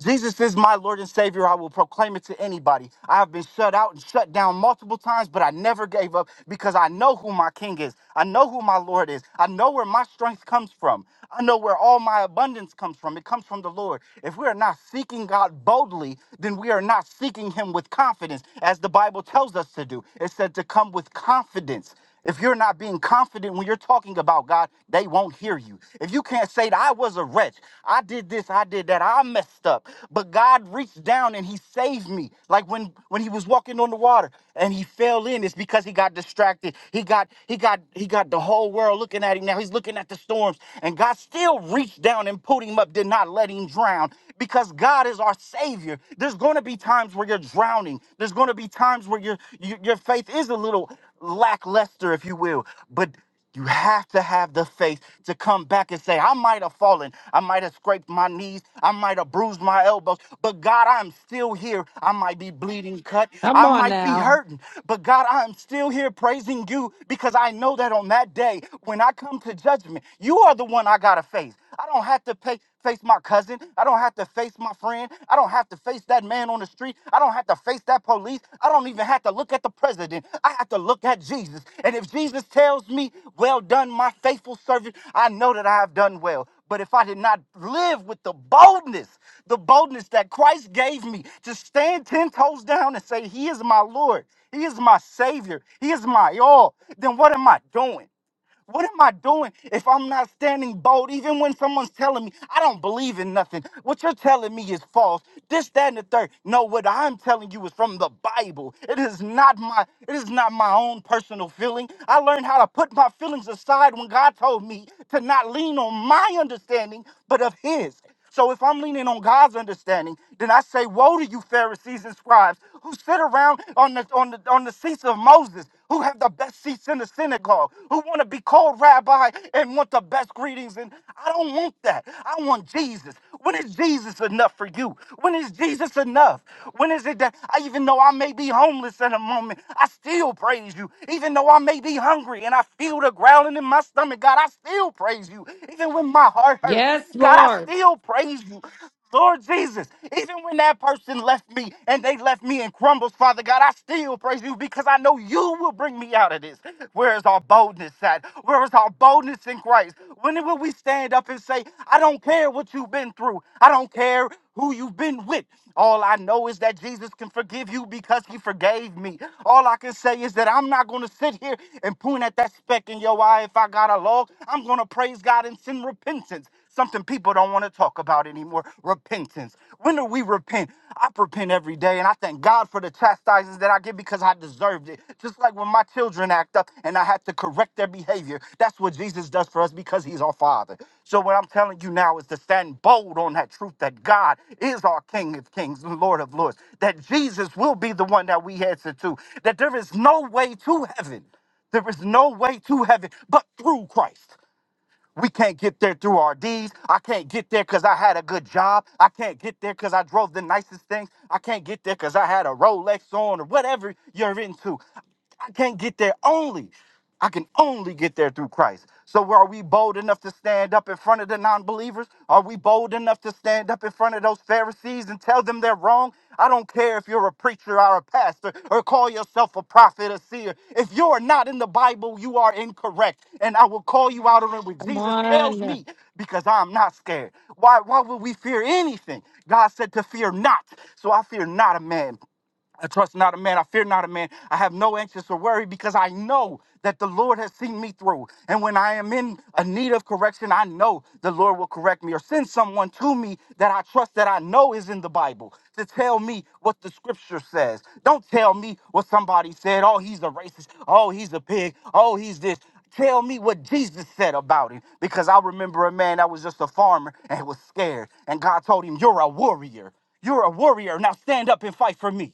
J: Jesus is my Lord and Savior. I will proclaim it to anybody. I have been shut out and shut down multiple times, but I never gave up because I know who my king is. I know who my Lord is. I know where my strength comes from. I know where all my abundance comes from. It comes from the Lord. If we are not seeking God boldly, then we are not seeking him with confidence is, as the Bible tells us to do. It said to come with confidence. If you're not being confident when you're talking about God, they won't hear you. If you can't say that I was a wretch, I did this, I did that, I messed up, but God reached down and he saved me. Like when when he was walking on the water and he fell in, it's because he got distracted. He got he got he got the whole world looking at him now. He's looking at the storms and God still reached down and pulled him up, did not let him drown because God God is our Savior, there's going to be times where you're drowning. There's going to be times where your your your faith is a little lackluster, if you will. But you have to have the faith to come back and say, I might have fallen. I might have scraped my knees. I might have bruised my elbows. But God, I'm still here. I might be bleeding cut.
G: Come
J: I
G: on
J: might be
G: now.
J: hurting. But God, I'm still here praising you because I know that on that day, when I come to judgment, you are the one I got to face. I don't have to pay, face my cousin. I don't have to face my friend. I don't have to face that man on the street. I don't have to face that police. I don't even have to look at the president. I have to look at Jesus. And if Jesus tells me, Well done, my faithful servant, I know that I have done well. But if I did not live with the boldness, the boldness that Christ gave me to stand 10 toes down and say, He is my Lord, He is my Savior, He is my all, then what am I doing? What am I doing if I'm not standing bold? Even when someone's telling me I don't believe in nothing, what you're telling me is false. This, that, and the third. No, what I'm telling you is from the Bible. It is not my it is not my own personal feeling. I learned how to put my feelings aside when God told me to not lean on my understanding, but of his. So if I'm leaning on God's understanding, then I say, Woe to you, Pharisees and scribes, who sit around on the on the on the seats of Moses who have the best seats in the synagogue, who want to be called rabbi and want the best greetings. And I don't want that. I want Jesus. When is Jesus enough for you? When is Jesus enough? When is it that I, even though I may be homeless in a moment, I still praise you? Even though I may be hungry and I feel the growling in my stomach, God, I still praise you. Even when my heart hurts,
G: Yes,
J: God, I
G: Lord.
J: still praise you. Lord Jesus, even when that person left me and they left me in crumbles, Father God, I still praise you because I know you will bring me out of this. Where is our boldness at? Where is our boldness in Christ? When will we stand up and say, I don't care what you've been through, I don't care who you've been with? All I know is that Jesus can forgive you because he forgave me. All I can say is that I'm not going to sit here and point at that speck in your eye if I got a log. I'm going to praise God and send repentance. Something people don't want to talk about anymore. Repentance. When do we repent? I repent every day, and I thank God for the chastisements that I get because I deserved it. Just like when my children act up and I had to correct their behavior. That's what Jesus does for us because he's our Father. So what I'm telling you now is to stand bold on that truth that God is our King of Kings and Lord of Lords, that Jesus will be the one that we answer to, that there is no way to heaven. There is no way to heaven but through Christ. We can't get there through our deeds. I can't get there because I had a good job. I can't get there because I drove the nicest things. I can't get there because I had a Rolex on or whatever you're into. I can't get there only. I can only get there through Christ. So are we bold enough to stand up in front of the non-believers? Are we bold enough to stand up? stand up in front of those Pharisees and tell them they're wrong. I don't care if you're a preacher or a pastor or call yourself a prophet or seer. If you're not in the Bible, you are incorrect. And I will call you out on it when
G: Come
J: Jesus tells
G: on.
J: me because I'm not scared. Why, why would we fear anything? God said to fear not. So I fear not a man. I trust not a man. I fear not a man. I have no anxious or worry because I know that the Lord has seen me through. And when I am in a need of correction, I know the Lord will correct me or send someone to me that I trust that I know is in the Bible to tell me what the scripture says. Don't tell me what somebody said. Oh, he's a racist. Oh, he's a pig. Oh, he's this. Tell me what Jesus said about him. Because I remember a man that was just a farmer and was scared. And God told him, You're a warrior. You're a warrior. Now stand up and fight for me.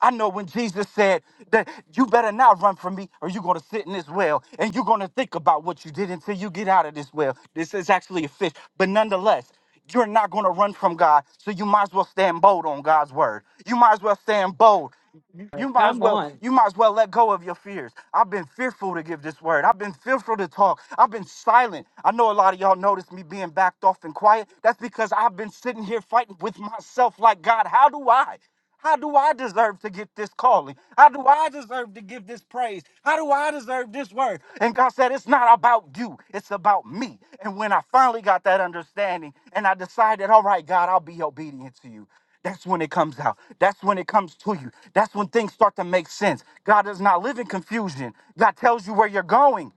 J: I know when Jesus said that you better not run from me or you're going to sit in this well and you're going to think about what you did until you get out of this well. This is actually a fish. But nonetheless, you're not going to run from God. So you might as well stand bold on God's word. You might as well stand bold. You you might as
G: Come
J: well
G: on.
J: you might as well let go of your fears. I've been fearful to give this word. I've been fearful to talk. I've been silent. I know a lot of y'all noticed me being backed off and quiet. That's because I've been sitting here fighting with myself like God, how do I? How do I deserve to get this calling? How do I deserve to give this praise? How do I deserve this word? And God said, It's not about you, it's about me. And when I finally got that understanding and I decided, All right, God, I'll be obedient to you. That's when it comes out. That's when it comes to you. That's when things start to make sense. God does not live in confusion. God tells you where you're going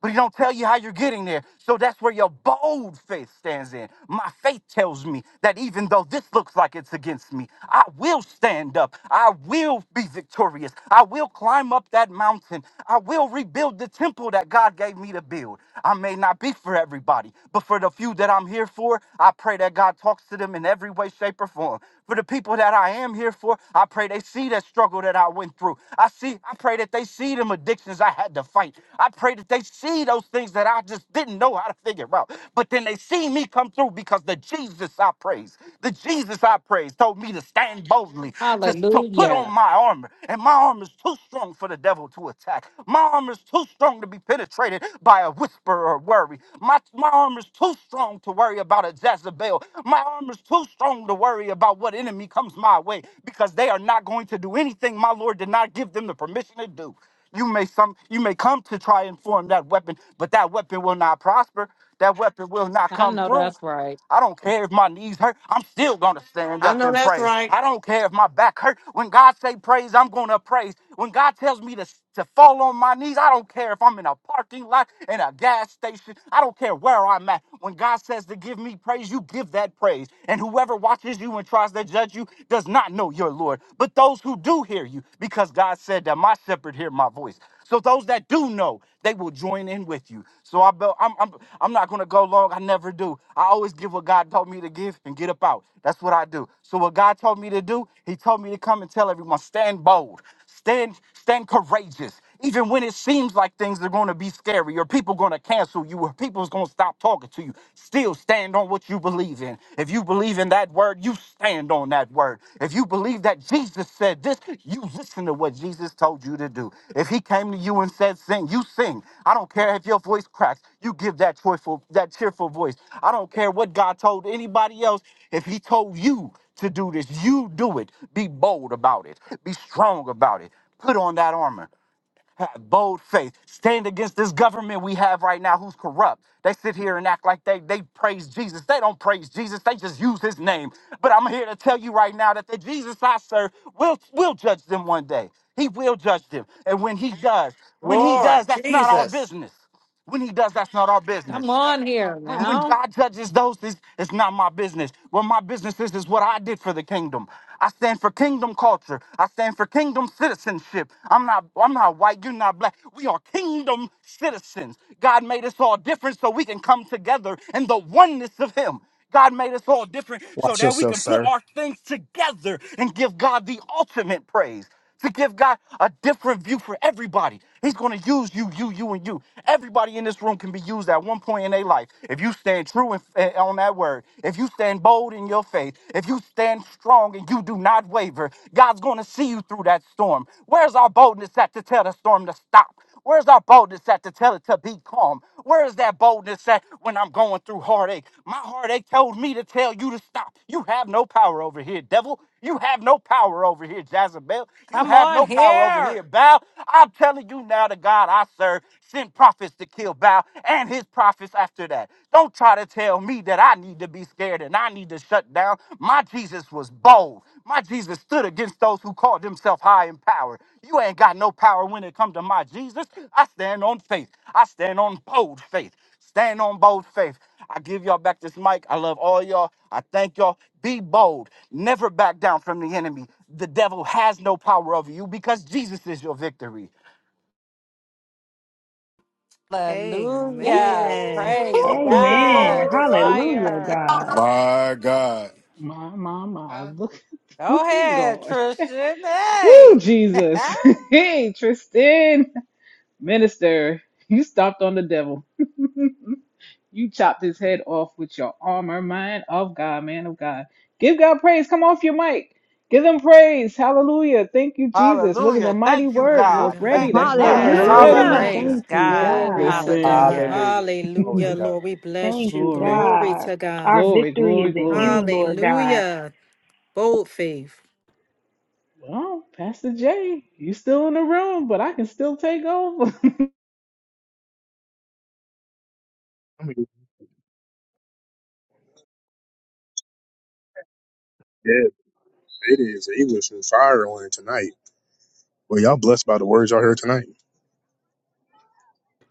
J: but he don't tell you how you're getting there. So that's where your bold faith stands in. My faith tells me that even though this looks like it's against me, I will stand up. I will be victorious. I will climb up that mountain. I will rebuild the temple that God gave me to build. I may not be for everybody, but for the few that I'm here for, I pray that God talks to them in every way, shape, or form. For the people that I am here for, I pray they see that struggle that I went through. I see see, I pray that they see them addictions I had to fight. I pray that they see those things that I just didn't know how to figure out. But then they see me come through because the Jesus I praise, the Jesus I praise told me to stand boldly, to, to put on
G: Hallelujah.
J: my armor. And my armor is too strong for the devil to attack. My armor is too strong to be penetrated by a whisper or worry. My, my armor is too strong to worry about a Jezebel. My armor is too strong to worry about what enemy comes my my way because they are not going to do anything my Lord did not give them the permission to do. You may some you may come to try and form that weapon, but that weapon will not prosper. That weapon will not
G: I
J: come
G: know
J: through.
G: that's right.
J: I don't care if my knees hurt. I'm still gonna stand
F: I
J: up
F: know
J: and
F: that's
J: praise.
F: right.
J: I don't care if my back hurt. When God say praise, I'm gonna praise. When God tells me to, to fall on my knees, I don't care if I'm in a parking lot, in a gas station. I don't care where I'm at. When God says to give me praise, praise, you give that praise. And whoever watches you and tries to judge you does not know your Lord. But those who do hear you, because God said that my shepherd hear my voice. So those that do know, they will join in with you. So I, be- I'm, I'm, I'm not gonna go long. I never do. I always give what God told me to give and get up out. That's what I do. So what God told me to do, He told me to come and tell everyone, stand bold. Stand, stand courageous. Even when it seems like things are going to be scary or people going to cancel you or people's going to stop talking to you, still stand on what you believe in. If you believe in that word, you stand on that word. If you believe that Jesus said this, you listen to what Jesus told you to do. If he came to you and said sing, you sing. I don't care if your voice cracks. You give that joyful that cheerful voice. I don't care what God told anybody else. If he told you to do this. You do it. Be bold about it. Be strong about it. Put on that armor. Have bold faith. Stand against this government we have right now who's corrupt. They sit here and act like they, they praise Jesus. They don't praise Jesus. They just use his name. But I'm here to tell you right now that the Jesus I serve will, will judge them one day. He will judge them. And when he does, when he does,
F: Lord
J: that's not our
F: Jesus.
J: business. When he does, that's not our business.
G: Come on here
J: When, when
G: now.
J: God judges those, this it's not my business. What my business is is what I did for the kingdom. I stand for kingdom culture. I stand for kingdom citizenship. I'm not I'm not white, you're not black. We are kingdom citizens. God made us all different so we can come together in the oneness of him. God made us all different so that we can put our things together and give God the ultimate praise to give God a different view for everybody. He's going to use you, you, you, and you. Everybody in this room can be used at one point in their life. If you stand true in, eh, on that word, if you stand bold in your faith, if you stand strong and you do not waver, God's going to see you through that storm. Where's our boldness at to tell the storm to stop? Where's our boldness at to tell it to be calm? Where is that boldness at when I'm going through heartache? My heartache told me to tell you to stop. You have no power over here, devil. You have no power over here, Jezebel. You
G: Come
J: have
G: on
J: no power over here,
G: here.
J: Baal. I'm telling you now, the God I serve sent prophets to kill Baal and his prophets after that. Don't try to tell me that I need to be scared and I need to shut down. My Jesus was bold. My Jesus stood against those who called themselves high in power. You ain't got no power when it comes to my Jesus. I stand on faith. I stand on bold faith. Stand on bold faith. I give y'all back this mic. I love all y'all. I thank y'all. Be bold. Never back down from the enemy. The devil has no power over you because Jesus is your victory.
F: Ooh.
G: Hallelujah.
D: Amen.
G: Praise
E: Amen.
D: Glory
G: God.
D: to God.
E: Hallelujah,
G: Fire.
E: God.
K: My God.
B: My, my, my.
K: Huh?
B: Look,
G: Go
B: look at
G: ahead,
B: God.
G: Tristan.
B: Woo,
G: Hey.
B: Jesus. Hey, Tristan, minister, you stopped on the devil. You chopped his head off with your armor, mind of God, man of God. Give God praise. Come off your mic. Give him praise. Hallelujah. Thank you, Jesus. Was it
J: Hallelujah.
B: a mighty
J: Thank you,
B: word?
L: Lord,
J: God.
B: Fork ready.
J: Thank you,
B: That's right.
J: God.
B: Fork
G: yes.
B: ready.
L: hallelujah.
E: Hallelujah.
J: Hallelujah.
G: Praise
E: Thank you,
D: Lord,
G: God.
E: God.
B: Listen.
D: Glory,
G: Hallelujah.
C: Hallelujah. Glory to God.
E: Thank you,
D: Lord.
B: glory,
E: God. Our
B: glory,
E: victory
B: glory,
E: is in
B: glory.
E: you, Lord God.
D: yeah
B: Well, Pastor Jay, you still in the room, but I can still take over.
A: I mean, yeah, it is. He was on fire on it tonight. Well, y'all blessed by the words y'all heard tonight.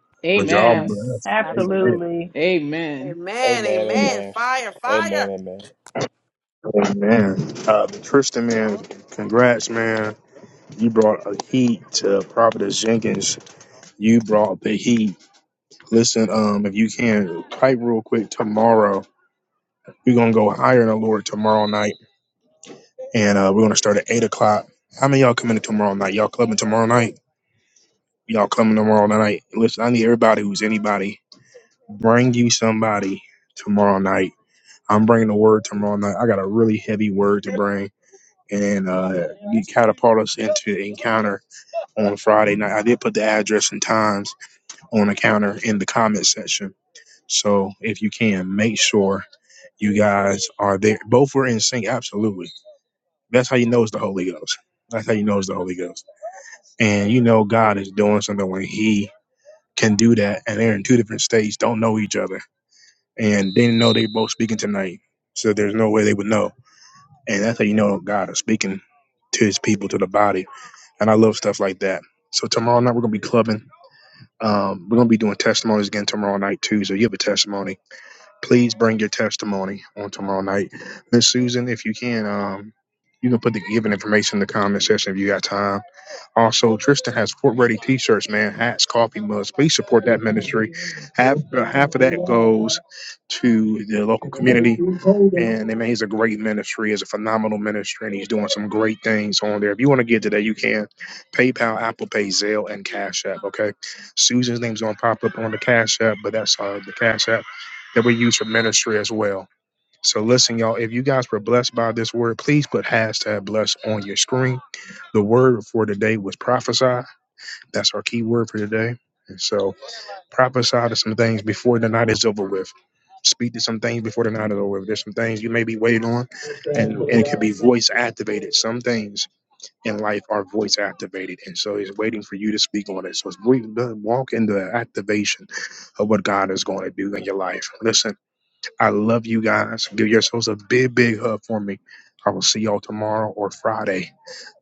A: But y'all
B: Amen.
G: Yes.
A: blessed.
G: Absolutely.
A: Amen.
E: Absolutely.
B: Amen.
F: Amen,
C: Amen.
F: amen.
C: Amen.
F: Fire, fire.
C: Amen. Amen.
A: Amen. Uh, Tristan, man, congrats, man. You brought a heat to Prophet Jenkins You brought the heat. Listen, um, if you can, type real quick tomorrow. We're gonna go higher in the Lord tomorrow night, and uh, we're gonna start at eight o'clock. How many of y'all coming in tomorrow night? Y'all clubbing tomorrow night? Y'all coming tomorrow night? Listen, I need everybody who's anybody. Bring you somebody tomorrow night. I'm bringing the word tomorrow night. I got a really heavy word to bring, and uh, you catapult us into encounter on Friday night. I did put the address and times on the counter in the comment section So if you can, make sure you guys are there. Both were in sync, absolutely. That's how you know it's the Holy Ghost. That's how you know it's the Holy Ghost. And you know God is doing something when He can do that. And they're in two different states, don't know each other, and they didn't know they both speaking tonight. So there's no way they would know. And that's how you know God is speaking to His people, to the body. And I love stuff like that. So tomorrow night we're gonna be clubbing. Um, we're gonna be doing testimonies again tomorrow night too. So you have a testimony please bring your testimony on tomorrow night. Miss Susan, if you can, um, you can put the given information in the comment section if you got time. Also, Tristan has Fort Ready T-shirts, man, hats, coffee mugs. Please support that ministry. Half uh, half of that goes to the local community, and I mean, he's a great ministry. He's a phenomenal ministry, and he's doing some great things on there. If you want to get to that, you can. PayPal, Apple Pay, Zelle, and Cash App. Okay, Susan's name's gonna pop up on the Cash App, but that's uh, the Cash App that we use for ministry as well. So listen, y'all, if you guys were blessed by this word, please put hashtag blessed on your screen the word for today was prophesy. That's our key word for today. And so prophesy to some things before the night is over with. Speak to some things before the night is over with. There's some things you may be waiting on, and, and it can be voice activated. Some things in life are voice activated. And so he's waiting for you to speak on it. So it's we walk in the activation of what God is going to do in your life. Listen, I love you guys. Give yourselves a big, big hug for me. I will see y'all tomorrow or Friday.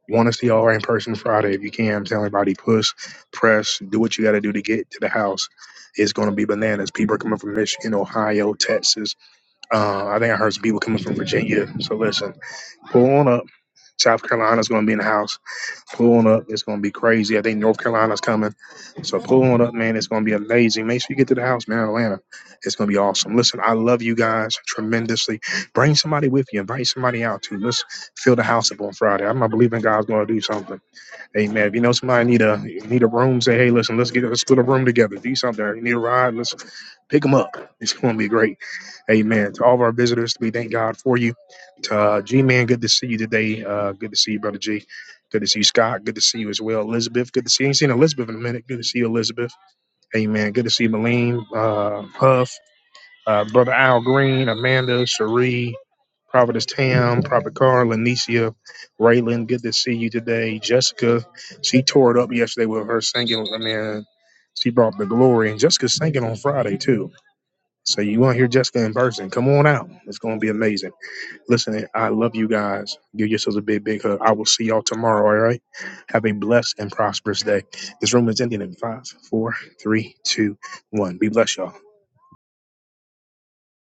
A: You Want to see all right in person Friday. If you can, tell everybody push, press, do what you got to do to get to the house. It's going to be bananas. People are coming from Michigan, Ohio, Texas. Uh, I think I heard some people coming from Virginia. So listen, pull on up. South Carolina's going to be in the house. Pull on up. It's going to be crazy. I think North Carolina's coming. So pull on up, man. It's going to be amazing. Make sure you get to the house, man, Atlanta. It's going to be awesome. Listen, I love you guys tremendously. Bring somebody with you. Invite somebody out too. Let's fill the house up on Friday. I'm not believing God's going to do something. Amen. If you know somebody need a need a room, say, hey, listen, let's get let's put a room together. Do something. You need a ride, let's pick them up. It's gonna be great. Amen. To all of our visitors, we thank God for you. To uh, G Man, good to see you today. Uh, good to see you, brother G. Good to see you, Scott. Good to see you as well, Elizabeth. Good to see you. I Ain't seen Elizabeth in a minute. Good to see you, Elizabeth. Amen. Good to see you, Malene. Uh, Huff uh, Brother Al Green, Amanda, Cherie, Prophetess Tam, Prophet Carl, Lanicia, Raylan, good to see you today. Jessica, she tore it up yesterday with her singing. I mean, she brought the glory. And Jessica's singing on Friday, too. So you want to hear Jessica in person? Come on out. It's going to be amazing. Listen, I love you guys. Give yourselves a big, big hug. I will see y'all tomorrow, all right? Have a blessed and prosperous day. This room is ending in five, four, three, two, one. Be blessed, y'all.